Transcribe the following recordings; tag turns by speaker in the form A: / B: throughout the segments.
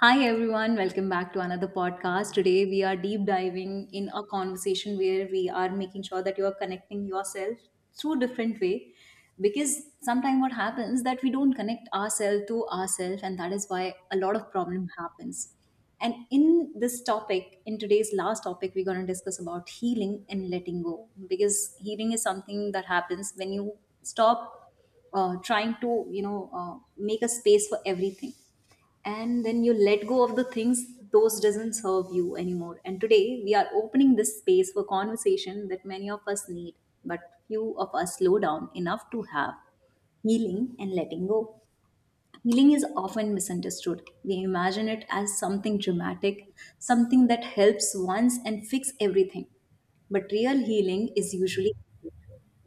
A: Hi everyone, welcome back to another podcast. Today we are deep diving in a conversation where we are making sure that you are connecting yourself through different way, because sometimes what happens that we don't connect ourselves to ourselves and that is why a lot of problem happens. And in this topic, in today's last topic, we're going to discuss about healing and letting go, because healing is something that happens when you stop trying to, make a space for everything and then you let go of the things those doesn't serve you anymore. And today we are opening this space for conversation that many of us need, but few of us slow down enough to have healing and letting go. Healing is often misunderstood. We imagine it as something dramatic, something that helps once and fix everything, but real healing is usually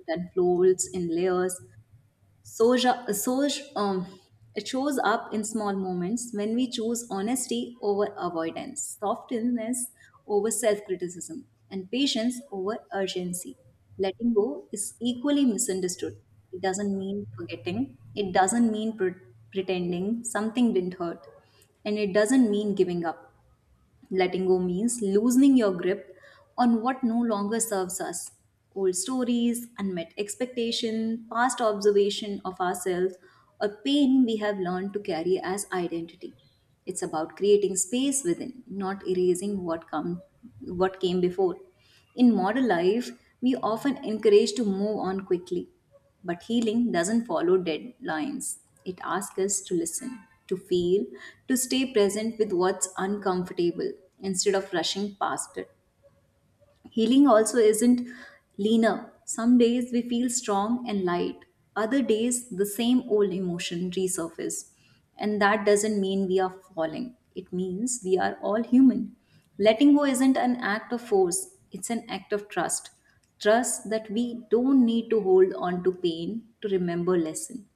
A: that folds in layers. Soja, Soj, um, it shows up in small moments when we choose honesty over avoidance, softness over self criticism, and patience over urgency. Letting go is equally misunderstood. It doesn't mean forgetting, it doesn't mean pretending something didn't hurt, and it doesn't mean giving up. Letting go means loosening your grip on what no longer serves us. Old stories, unmet expectation, past observation of ourselves, or pain we have learned to carry as identity. It's about creating space within, not erasing what come what came before. In modern life, we often encourage to move on quickly. But healing doesn't follow deadlines. It asks us to listen, to feel, to stay present with what's uncomfortable instead of rushing past it. Healing also isn't linear. Some days we feel strong and light. Other days the same old emotion resurface. And that doesn't mean we are falling. It means we are all human. Letting go isn't an act of force, it's an act of trust. Trust that we don't need to hold on to pain to remember lesson.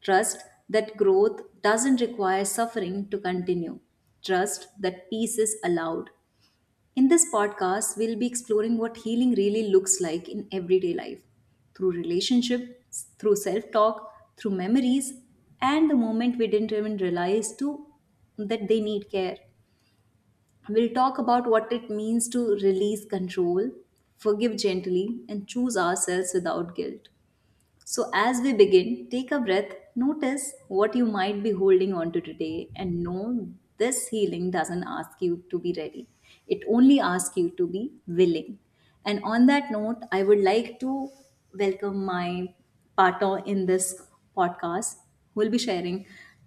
A: Trust that growth doesn't require suffering to continue. Trust that peace is allowed. In this podcast, we'll be exploring what healing really looks like in everyday life, through relationships, through self talk, through memories, and the moment we didn't even realize to that they need care. We'll talk about what it means to release control, forgive gently, and choose ourselves without guilt. So, as we begin, take a breath, notice what you might be holding on to today, and know this healing doesn't ask you to be ready. It only asks you to be willing. And on that note, I would like to welcome my partner in this podcast who will be sharing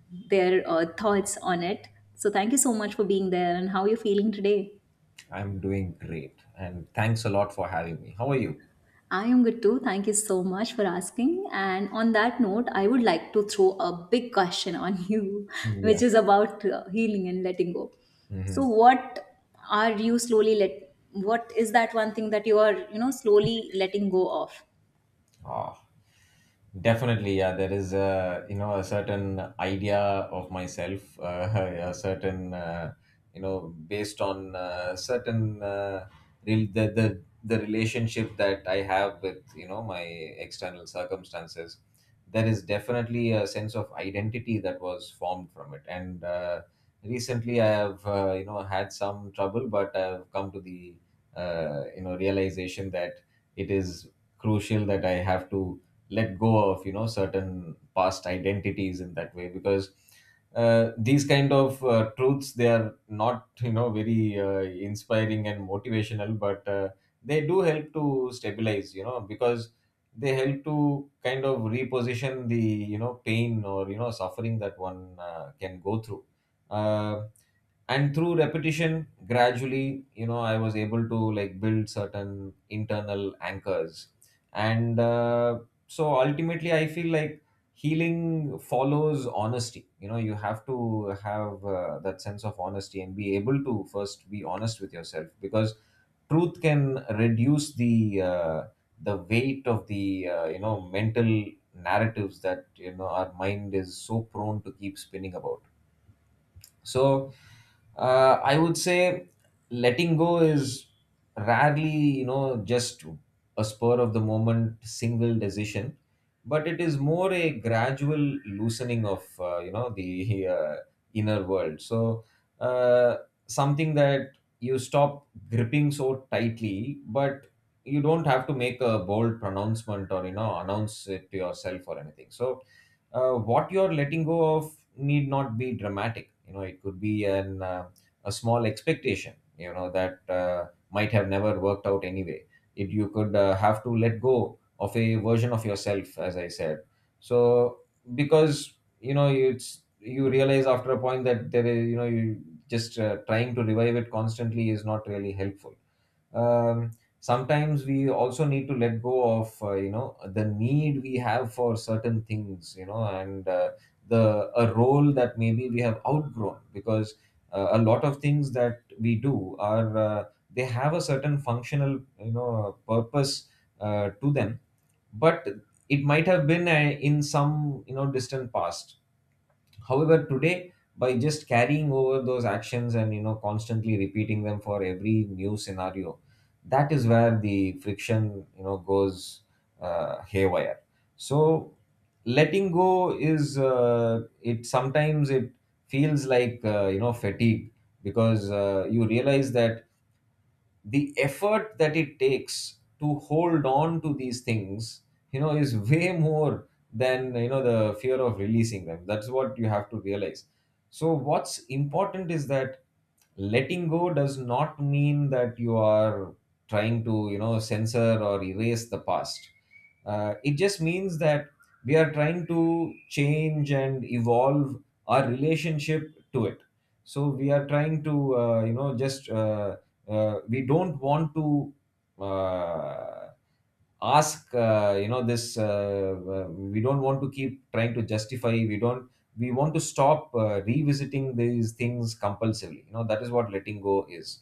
A: their thoughts on it. So, thank you so much for being there, and how are you feeling today?
B: I'm doing great, and thanks a lot for having me. How are you?
A: I am good too. Thank you so much for asking. And on that note, I would like to throw a big question on you, which
B: Yeah.
A: is about healing and letting go. So,
B: Mm-hmm.
A: what are you slowly let? What is that one thing that you are, you know, slowly letting go of?
B: Ah. Definitely, yeah. There is a you know a certain idea of myself, a certain based on certain real the relationship that I have with my external circumstances. There is definitely a sense of identity that was formed from it, and recently I have had some trouble, but I've come to the realization that it is crucial that I have to let go of certain past identities in that way, because these kind of truths, they are not very inspiring and motivational, but they do help to stabilize, because they help to kind of reposition the pain or suffering that one can go through. uh, and through repetition, gradually, I was able to, like, build certain internal anchors. And uh, so ultimately I feel like healing follows honesty. You have to have that sense of honesty and be able to first be honest with yourself, because truth can reduce the weight of the mental narratives that our mind is so prone to keep spinning about. So, I would say letting go is rarely, just a spur of the moment single decision, but it is more a gradual loosening of the inner world. So, uh, something that you stop gripping so tightly, but you don't have to make a bold pronouncement or announce it to yourself or anything. So, what you're letting go of need not be dramatic. It could be an a small expectation, that might have never worked out anyway. It you could uh, have to let go of a version of yourself, as I said. So, because, you know it's you realize after a point that there is, you just, trying to revive it constantly, is not really helpful. um, Sometimes we also need to let go of the need we have for certain things, and the a role that maybe we have outgrown, because a lot of things that we do are, they have a certain functional, purpose, to them. But it might have been, in some, distant past. However, today, by just carrying over those actions and, constantly repeating them for every new scenario, that is where the friction, goes haywire. So letting go is, it sometimes it feels like, fatigue, because you realize that the effort that it takes to hold on to these things, is way more than, the fear of releasing them. That's what you have to realize. So what's important is that letting go does not mean that you are trying to, censor or erase the past. It just means that we are trying to change and evolve our relationship to it. So we are trying to, just, we don't want to, uh, ask, this, we don't want to keep trying to justify, we don't, we want to stop revisiting these things compulsively, that is what letting go is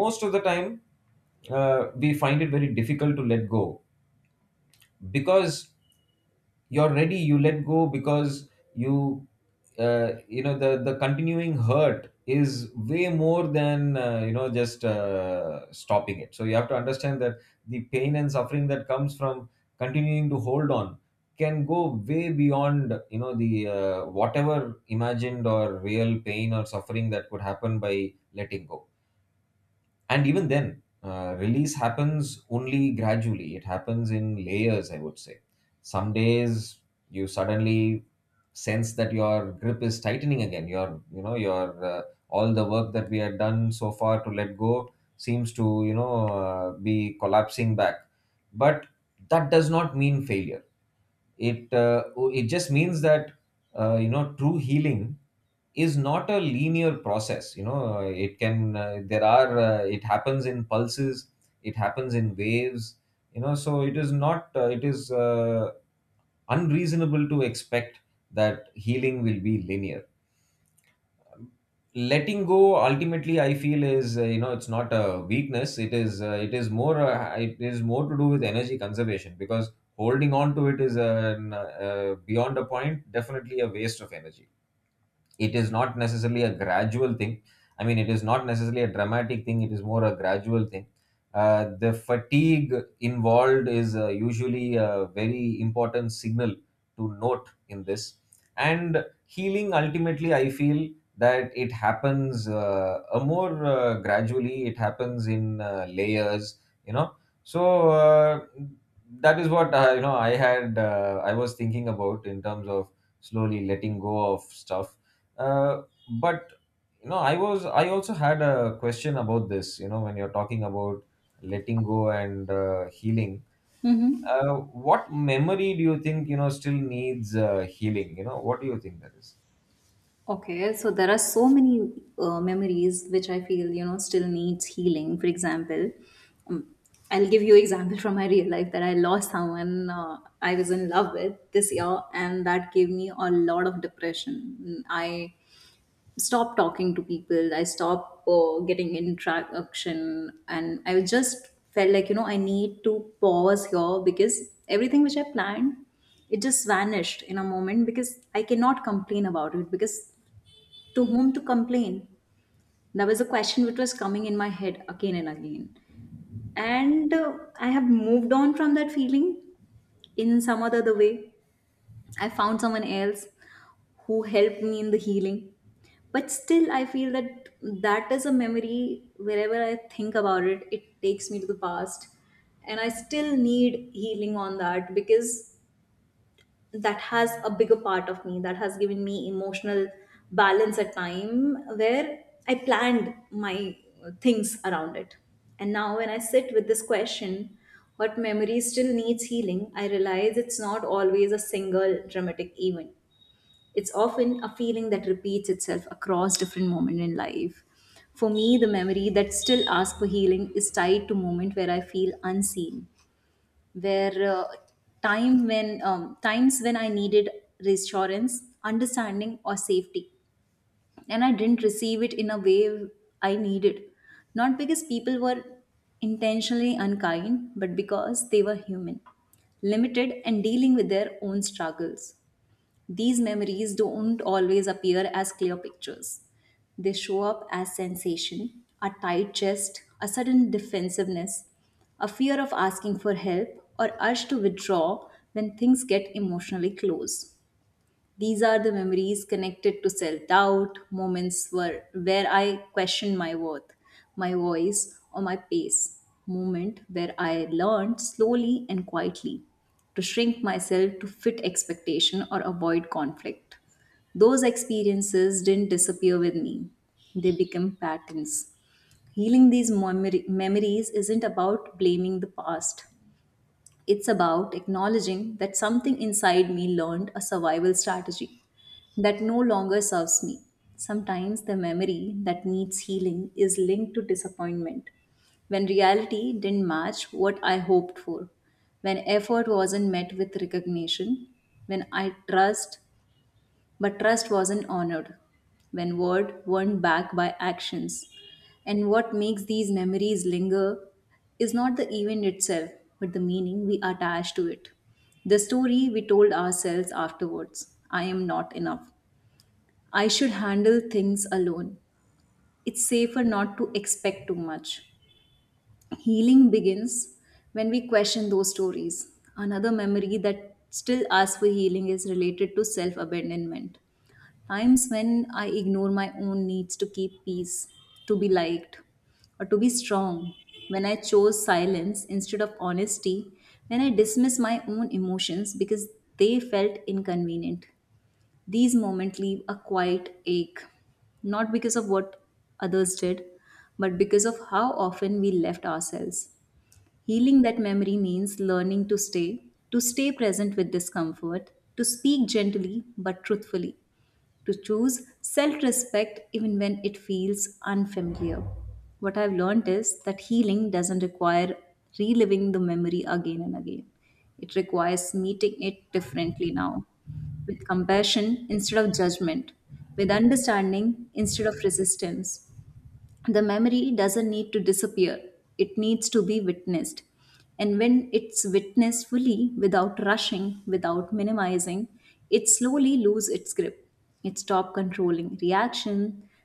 B: most of the time. We find it very difficult to let go, because you're ready, you let go because you, you know the continuing hurt is way more than, just stopping it. So you have to understand that the pain and suffering that comes from continuing to hold on can go way beyond, the, whatever imagined or real pain or suffering that could happen by letting go. And even then, release happens only gradually. It happens in layers, I would say. Some days you suddenly sense that your grip is tightening again. Your you know your uh, all the work that we had done so far to let go seems to, be collapsing back. But that does not mean failure. It uh, it just means that, true healing is not a linear process. It can, there are it happens in pulses. It happens in waves, so it is not, it is unreasonable to expect that healing will be linear. Letting go, ultimately, I feel, is, it's not a weakness. It is more to do with energy conservation, because holding on to it is an, beyond a point, definitely a waste of energy. It is not necessarily a gradual thing. I mean, it is not necessarily a dramatic thing, it is more a gradual thing. The fatigue involved is, usually, a very important signal to note in this. And healing, ultimately, I feel that it happens, a more gradually. It happens in, layers, you know. So, that is what, I was thinking about in terms of slowly letting go of stuff, uh, but you know, I also had a question about this. You know, when you're talking about letting go and, healing, what memory do you think, still needs, healing? You know, what do you think that is?
A: Okay, so there are so many memories which I feel you know still needs healing. For example, um, I'll give you example from my real life that I lost someone I was in love with this year, and that gave me a lot of depression. I stopped talking to people. I stopped getting interaction, and I just felt like you know I need to pause here, because everything which I planned, it just vanished in a moment, because I cannot complain about it, because to whom to complain? That was a question which was coming in my head again and again. And I have moved on from that feeling in some other the way. I found someone else who helped me in the healing, but still I feel that that is a memory. Wherever I think about it, it takes me to the past, and I still need healing on that, because that has a bigger part of me, that has given me emotional balance at time where I planned my things around it. And now when I sit with this question, what memory still needs healing, I realize it's not always a single dramatic event. It's often a feeling that repeats itself across different moments in life. For me, the memory that still asks for healing is tied to moment where I feel unseen, where time when times when I needed reassurance, understanding, or safety, and I didn't receive it in a way I needed, not because people were intentionally unkind, but because they were human, limited, and dealing with their own struggles. These memories don't always appear as clear pictures. They show up as sensation, a tight chest, a sudden defensiveness, a fear of asking for help, or urge to withdraw when things get emotionally close. These are the memories connected to self doubt, moments where I questioned my worth, my voice, or my pace, moment where I learned slowly and quietly to shrink myself to fit expectation or avoid conflict. Those experiences didn't disappear with me, they become patterns. Healing these memories isn't about blaming the past. It's about acknowledging that something inside me learned a survival strategy that no longer serves me. Sometimes the memory that needs healing is linked to disappointment, when reality didn't match what I hoped for, when effort wasn't met with recognition, when I trust but trust wasn't honored, when word weren't backed by actions. And what makes these memories linger is not the event itself, but the meaning we attach to it. The story we told ourselves afterwards: I am not enough. I should handle things alone. It's safer not to expect too much. Healing begins when we question those stories. Another memory that still asks for healing is related to self abandonment. Times when I ignore my own needs to keep peace, to be liked, or to be strong. When I chose silence instead of honesty. When I dismiss my own emotions because they felt inconvenient. These moments leave a quiet ache, not because of what others did, but because of how often we left ourselves. Healing that memory means learning to stay present with discomfort, to speak gently but truthfully, to choose self respect even when it feels unfamiliar. What I've learned is that healing doesn't require reliving the memory again and again, it requires meeting it differently now, with compassion instead of judgment, with understanding instead of resistance. The memory doesn't need to disappear, it needs to be witnessed. And when it's witnessed fully, without rushing, without minimizing, it slowly loses its grip. It stops controlling reaction,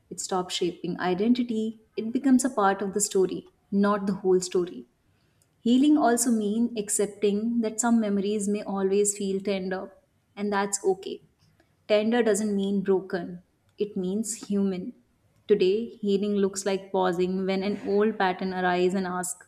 A: it stops shaping identity. It becomes a part of the story, not the whole story. Healing also means accepting that some memories may always feel tender, and that's okay. Tender doesn't mean broken, it means human. Today, healing looks like pausing when an old pattern arises and asks,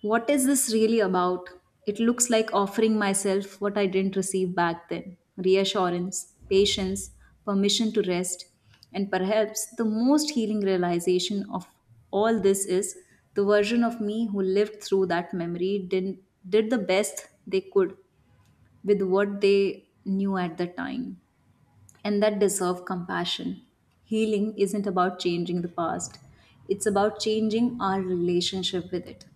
A: what is this really about? It looks like offering myself what I didn't receive back then: reassurance, patience, permission to rest. And perhaps the most healing realization of all this is the version of me who lived through that memory did the best they could with what they knew at the time, and that deserve compassion. Healing isn't about changing the past, it's about changing our relationship with it.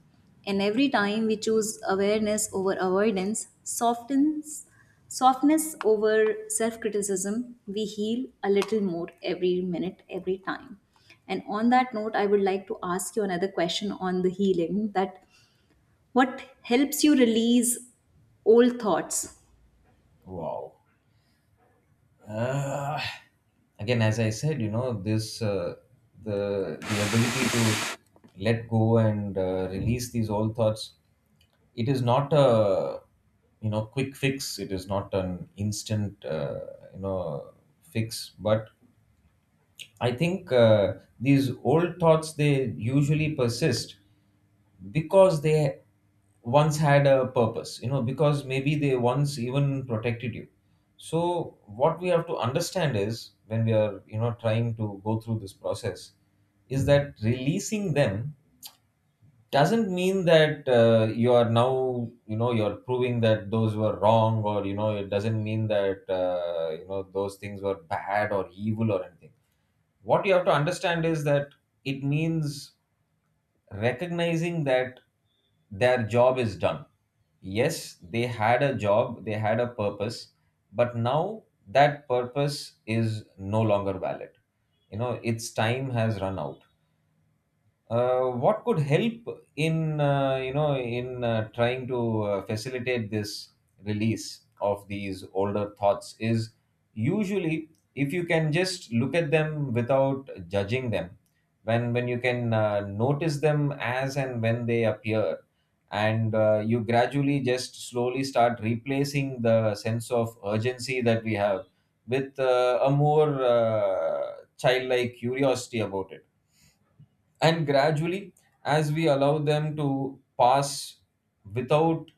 A: And every time we choose awareness over avoidance, softness over self criticism, we heal a little more, every minute, every time. And on that note, I would like to ask you another question on the healing: that what helps you release old thoughts?
B: Wow. Uh, again, as I said, you know, this, the ability to let go and, release these old thoughts. It is not a, quick fix. It is not an instant, you know fix. But I think, these old thoughts, they usually persist because they once had a purpose, because maybe they once even protected you. So what we have to understand is, when we are, trying to go through this process, is that releasing them doesn't mean that, you are now, you're proving that those were wrong, or, it doesn't mean that, those things were bad or evil or anything. What you have to understand is that it means recognizing that their job is done. Yes, they had a job, they had a purpose, but now that purpose is no longer valid. You know, its time has run out. What could help in, trying to, facilitate this release of these older thoughts is, usually, if you can just look at them without judging them. When you can, notice them as and when they appear, and, you gradually, just slowly, start replacing the sense of urgency that we have with, a more, childlike curiosity about it. And gradually, as we allow them to pass without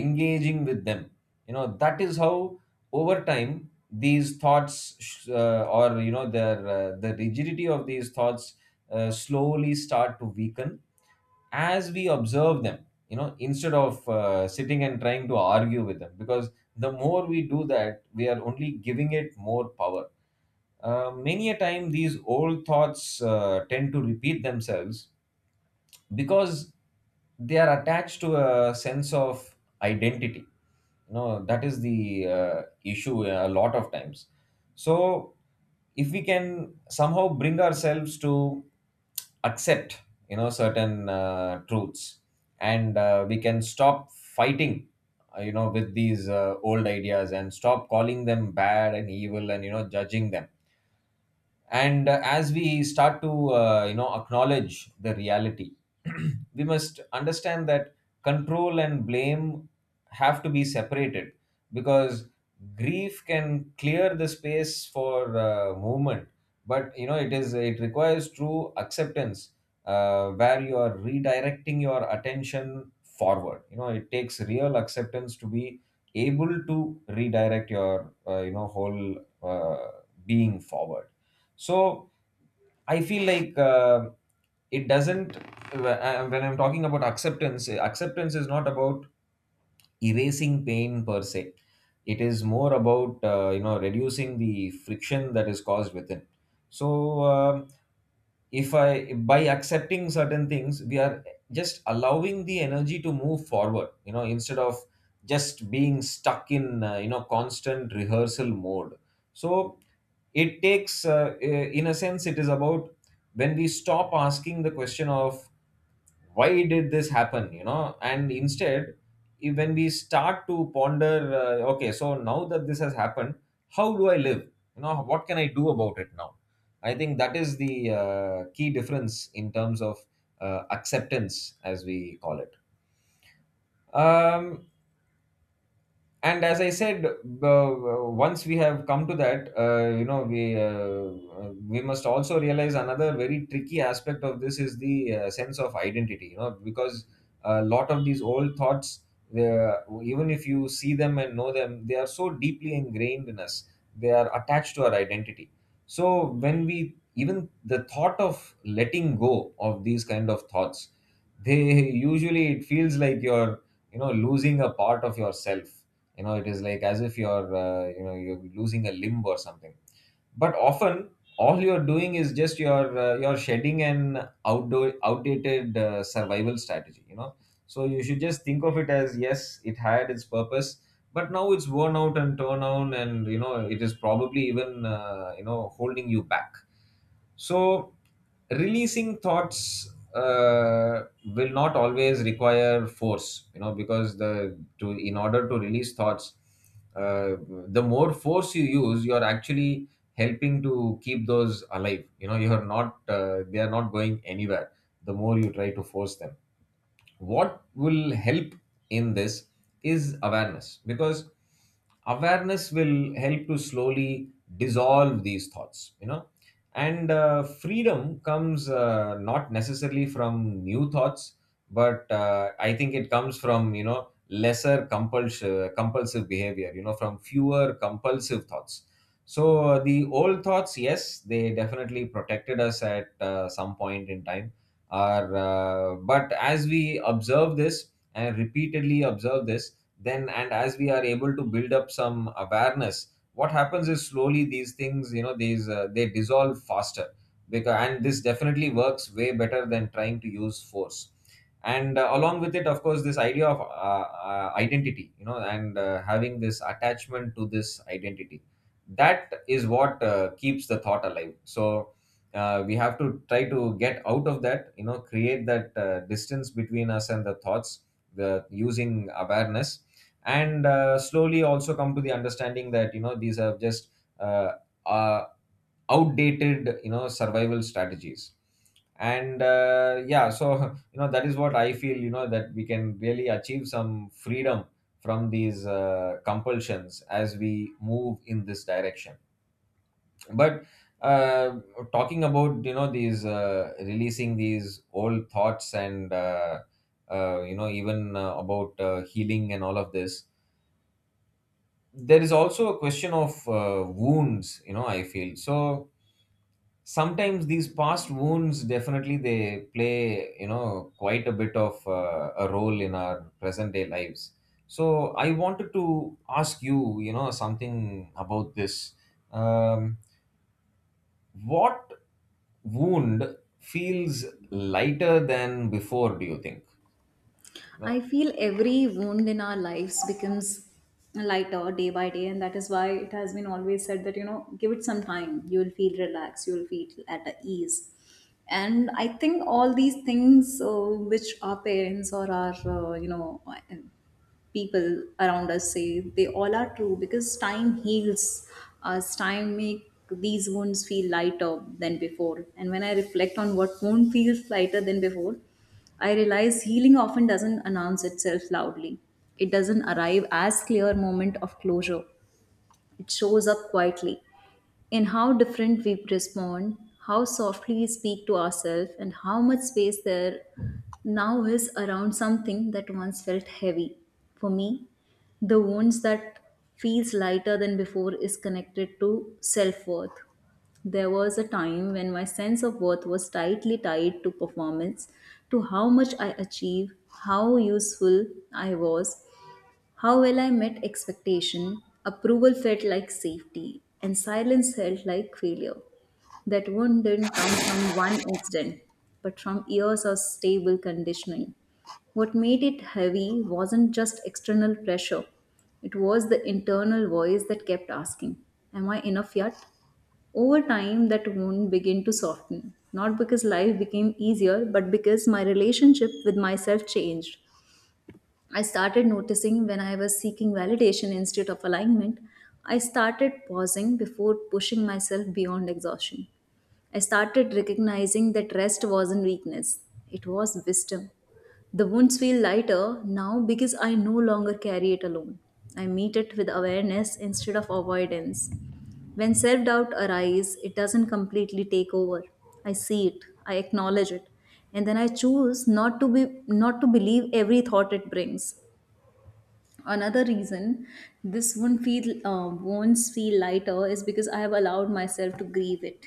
B: engaging with them, that is how, over time, these thoughts, sh- or you know their the rigidity of these thoughts, slowly start to weaken, as we observe them, instead of, sitting and trying to argue with them, because the more we do that, we are only giving it more power. Many a time these old thoughts, tend to repeat themselves because they are attached to a sense of identity, that is the, issue a lot of times. So if we can somehow bring ourselves to accept, certain, truths, and, we can stop fighting, with these, old ideas, and stop calling them bad and evil and, judging them. And, as we start to, acknowledge the reality, we must understand that control and blame have to be separated, because grief can clear the space for, movement. But, it requires true acceptance, where you are redirecting your attention forward. It takes real acceptance to be able to redirect your, whole, uh, being forward. So I feel like, it doesn't when I'm talking about acceptance, acceptance is not about erasing pain per se. It is more about, reducing the friction that is caused within. So, if I by accepting certain things, we are just allowing the energy to move forward, instead of just being stuck in, constant rehearsal mode. So it takes, in a sense, it is about when we stop asking the question of why did this happen, and instead, when we start to ponder, okay, so now that this has happened, how do I live? What can I do about it now? I think that is the key difference in terms of acceptance as we call it. um, and as I said, once we have come to that, you know, we must also realize another very tricky aspect of this is the sense of identity, you know, because a lot of these old thoughts, uh, even if you see them and know them, they are so deeply ingrained in us. They are attached to our identity. So when we even the thought of letting go of these kind of thoughts, they usually it feels like you're, you know, losing a part of yourself. You know, it is like as if you're you know, you're losing a limb or something. But often all you're doing is just you're shedding an outdoor outdated survival strategy, you know. So you should just think of it as, yes, it had its purpose, but now it's worn out and torn down, and you know, it is probably even you know, holding you back. So, releasing thoughts will not always require force, you know, because the to in order to release thoughts, uh, the more force you use, you are actually helping to keep those alive. You know, you are not they are not going anywhere. The more you try to force them, what will help in this is awareness, because awareness will help to slowly dissolve these thoughts, you know. And freedom comes not necessarily from new thoughts, but I think it comes from, you know, lesser compulsive behavior, you know, from fewer compulsive thoughts. So the old thoughts, yes, they definitely protected us at some point in time. But as we observe this and repeatedly observe this, then and as we are able to build up some awareness, what happens is slowly these things, you know, these they dissolve faster, because and this definitely works way better than trying to use force. And along with it, of course, this idea of identity, you know, and having this attachment to this identity, that is what keeps the thought alive. So we have to try to get out of that, you know, create that distance between us and the thoughts, the using awareness, and slowly also come to the understanding that, you know, these are just uh, uh, outdated, you know, survival strategies. And yeah, so you know, that is what I feel, you know, that we can really achieve some freedom from these compulsions as we move in this direction. But uh, talking about, you know, these releasing these old thoughts, and you know, even about healing and all of this, there is also a question of wounds, you know, I feel. So sometimes these past wounds definitely they play, you know, quite a bit of a role in our present day lives. So I wanted to ask you, you know, something about this. Um, What wound feels lighter than before, do you think?
A: I
B: No.
A: feel every wound in our lives becomes lighter day by day, and that is why it has been always said that you know, give it some time, you will feel relaxed, you will feel at ease. And I think all these things which our parents or our you know people around us say, they all are true because time heals us. Time make these wounds feel lighter than before. And when I reflect on what wound feels lighter than before, I realize healing often doesn't announce itself loudly. It doesn't arrive as clear moment of closure. It shows up quietly, in how different we respond, how softly we speak to ourselves, and how much space there now is around something that once felt heavy. For me, the wounds that feels lighter than before is connected to self-worth. There was a time when my sense of worth was tightly tied to performance, to how much I achieved, how useful I was, how well I met expectation. Approval felt like safety, and silence felt like failure. That wound didn't come from one incident, but from years of stable conditioning. What made it heavy wasn't just external pressure, it was the internal voice that kept asking, am I enough yet? Over time, that wound began to soften, not because life became easier, but because my relationship with myself changed. I started noticing when I was seeking validation instead of alignment. I started pausing before pushing myself beyond exhaustion. I started recognizing that rest wasn't weakness, it was wisdom. The wounds feel lighter now because I no longer carry it alone. I meet it with awareness instead of avoidance. When self doubt arises, it doesn't completely take over. I see it, I acknowledge it, and then I choose not to believe every thought it brings. Another reason this won't feel lighter is because I have allowed myself to grieve it.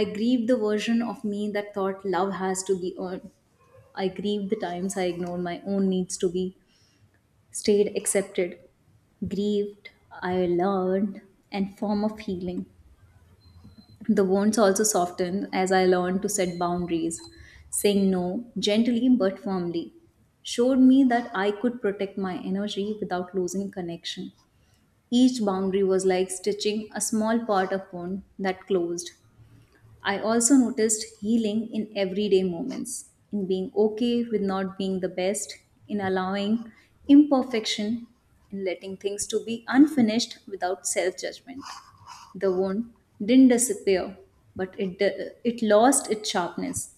A: I grieve the version of me that thought love has to be earned. I grieve the times I ignored my own needs to be stayed accepted, grieved, I learned, and form of healing. The wounds also softened as I learned to set boundaries. Saying no gently but firmly showed me that I could protect my energy without losing connection. Each boundary was like stitching a small part of wound that closed. I also noticed healing in everyday moments, in being okay with not being the best, in allowing imperfection, in letting things to be unfinished without self-judgment. The wound didn't disappear, but it lost its sharpness.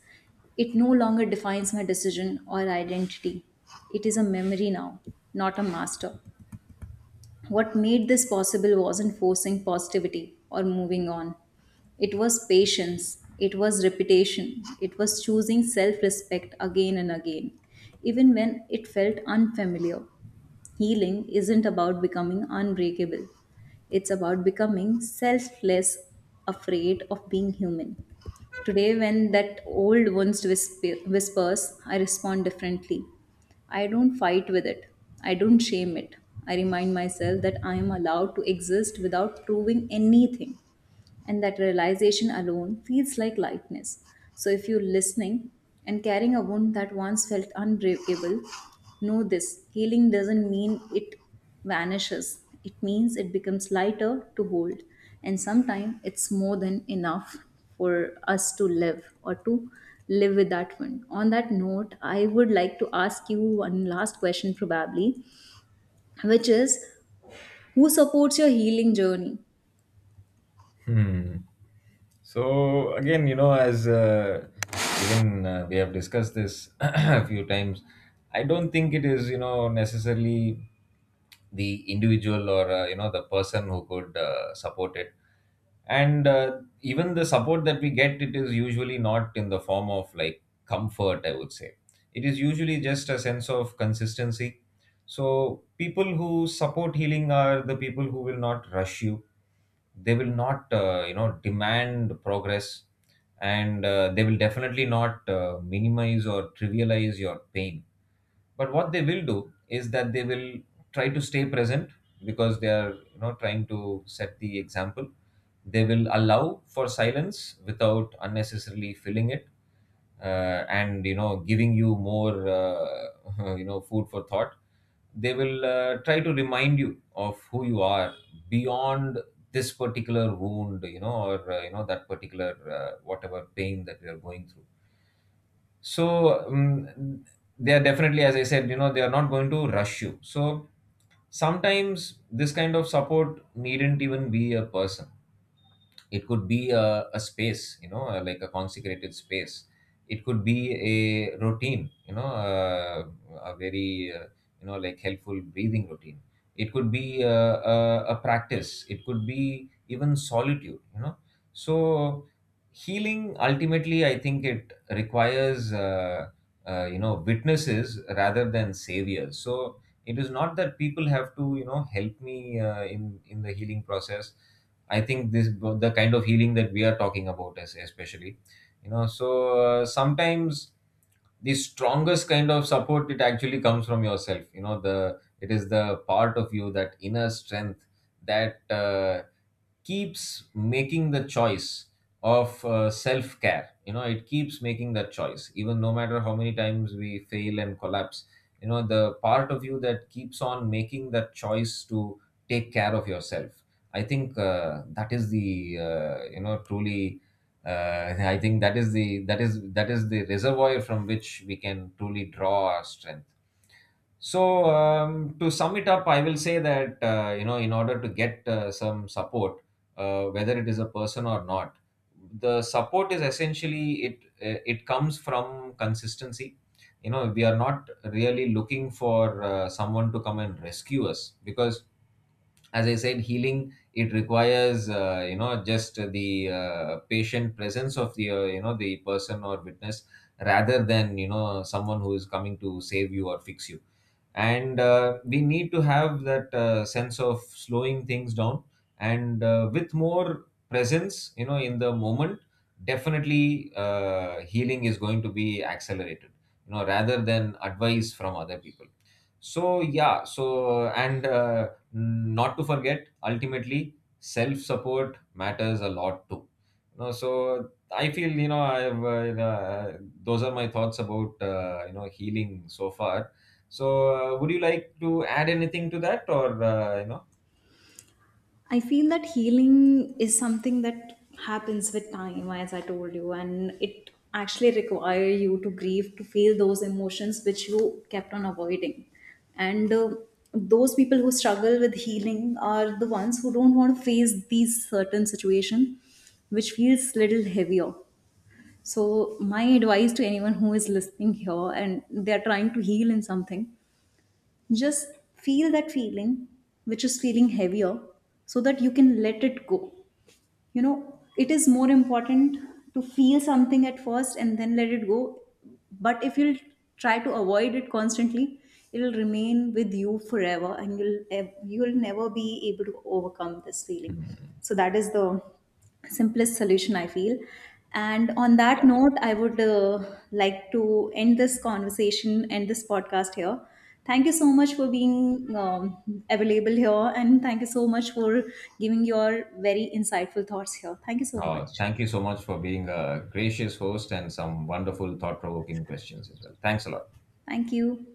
A: It no longer defines my decision or identity. It is a memory now, not a master. What made this possible wasn't forcing positivity or moving on. It was patience, it was repetition, it was choosing self respect again and again, even when it felt unfamiliar. Healing isn't about becoming unbreakable, it's about becoming selfless, afraid of being human. Today, when that old whispers, I respond differently. I don't fight with it, I don't shame it. I remind myself that I am allowed to exist without proving anything, and that realization alone feels like lightness. So, if you're listening and carrying a wound that once felt unbreakable, know this healing doesn't mean it vanishes, it means it becomes lighter to hold, and sometimes it's more than enough for us to live with that wound. On that note, I would like to ask you one last question, probably, which is who supports your healing journey?
B: Hmm. So again, you know, as even we have discussed this a few times, I don't think it is, you know, necessarily the individual or, you know, the person who could support it, and even the support that we get, it is usually not in the form of like comfort. I would say it is usually just a sense of consistency. So, people who support healing are the people who will not rush you. They will not, you know, demand progress, and they will definitely not minimize or trivialize your pain. But what they will do is that they will try to stay present because they are, you know, trying to set the example. They will allow for silence without unnecessarily filling it and you know giving you more you know, food for thought. They will try to remind you of who you are beyond this particular wound, you know, or you know, that particular whatever pain that we are going through. So they are definitely, as I said, you know, they are not going to rush you. So sometimes this kind of support needn't even be a person. It could be a space, you know, like a consecrated space. It could be a routine, you know, a very you know, like helpful breathing routine. It could be a practice. It could be even solitude, you know. So healing ultimately, I think it requires you know, witnesses rather than saviors. So it is not that people have to, you know, help me in the healing process. I think this the kind of healing that we are talking about, as especially, you know. So sometimes the strongest kind of support, it actually comes from yourself, you know. The it is the Part of you, that inner strength, that keeps making the choice of self care, you know. It keeps making that choice even no matter how many times we fail and collapse, you know, the part of you that keeps on making that choice to take care of yourself. I think that is the you know, truly, I think that is the reservoir from which we can truly draw our strength. So to sum it up, I will say that you know, in order to get some support, whether it is a person or not, the support is essentially it comes from consistency. You know, we are not really looking for someone to come and rescue us because, as I said, healing it requires you know, just the patient presence of the you know, the person or witness, rather than, you know, someone who is coming to save you or fix you. And we need to have that sense of slowing things down, and with more presence, you know, in the moment, definitely healing is going to be accelerated, you know, rather than advice from other people. So yeah, so and not to forget, ultimately self support matters a lot too. You so I feel, you know, I've those are my thoughts about you know, healing so far. So would you like to add anything to that, or you know?
A: I feel that healing is something that happens with time, as I told you, and it actually require you to grieve, to feel those emotions which you kept on avoiding. And Those people who struggle with healing are the ones who don't want to face these certain situation, which feels little heavier. So my advice to anyone who is listening here and they are trying to heal in something, just feel that feeling, which is feeling heavier, so that you can let it go. You know, it is more important to feel something at first and then let it go. But if you'll try to avoid it constantly, it'll remain with you forever and you'll never be able to overcome this feeling. So that is the simplest solution I feel, and on that note I would like to end this conversation, end this podcast here. Thank you so much for being um, available here, and thank you so much for giving your very insightful thoughts here. Thank you so
B: Oh,
A: much.
B: thank you so much for being a gracious host and some wonderful thought provoking questions as well. Thanks a lot.
A: Thank you.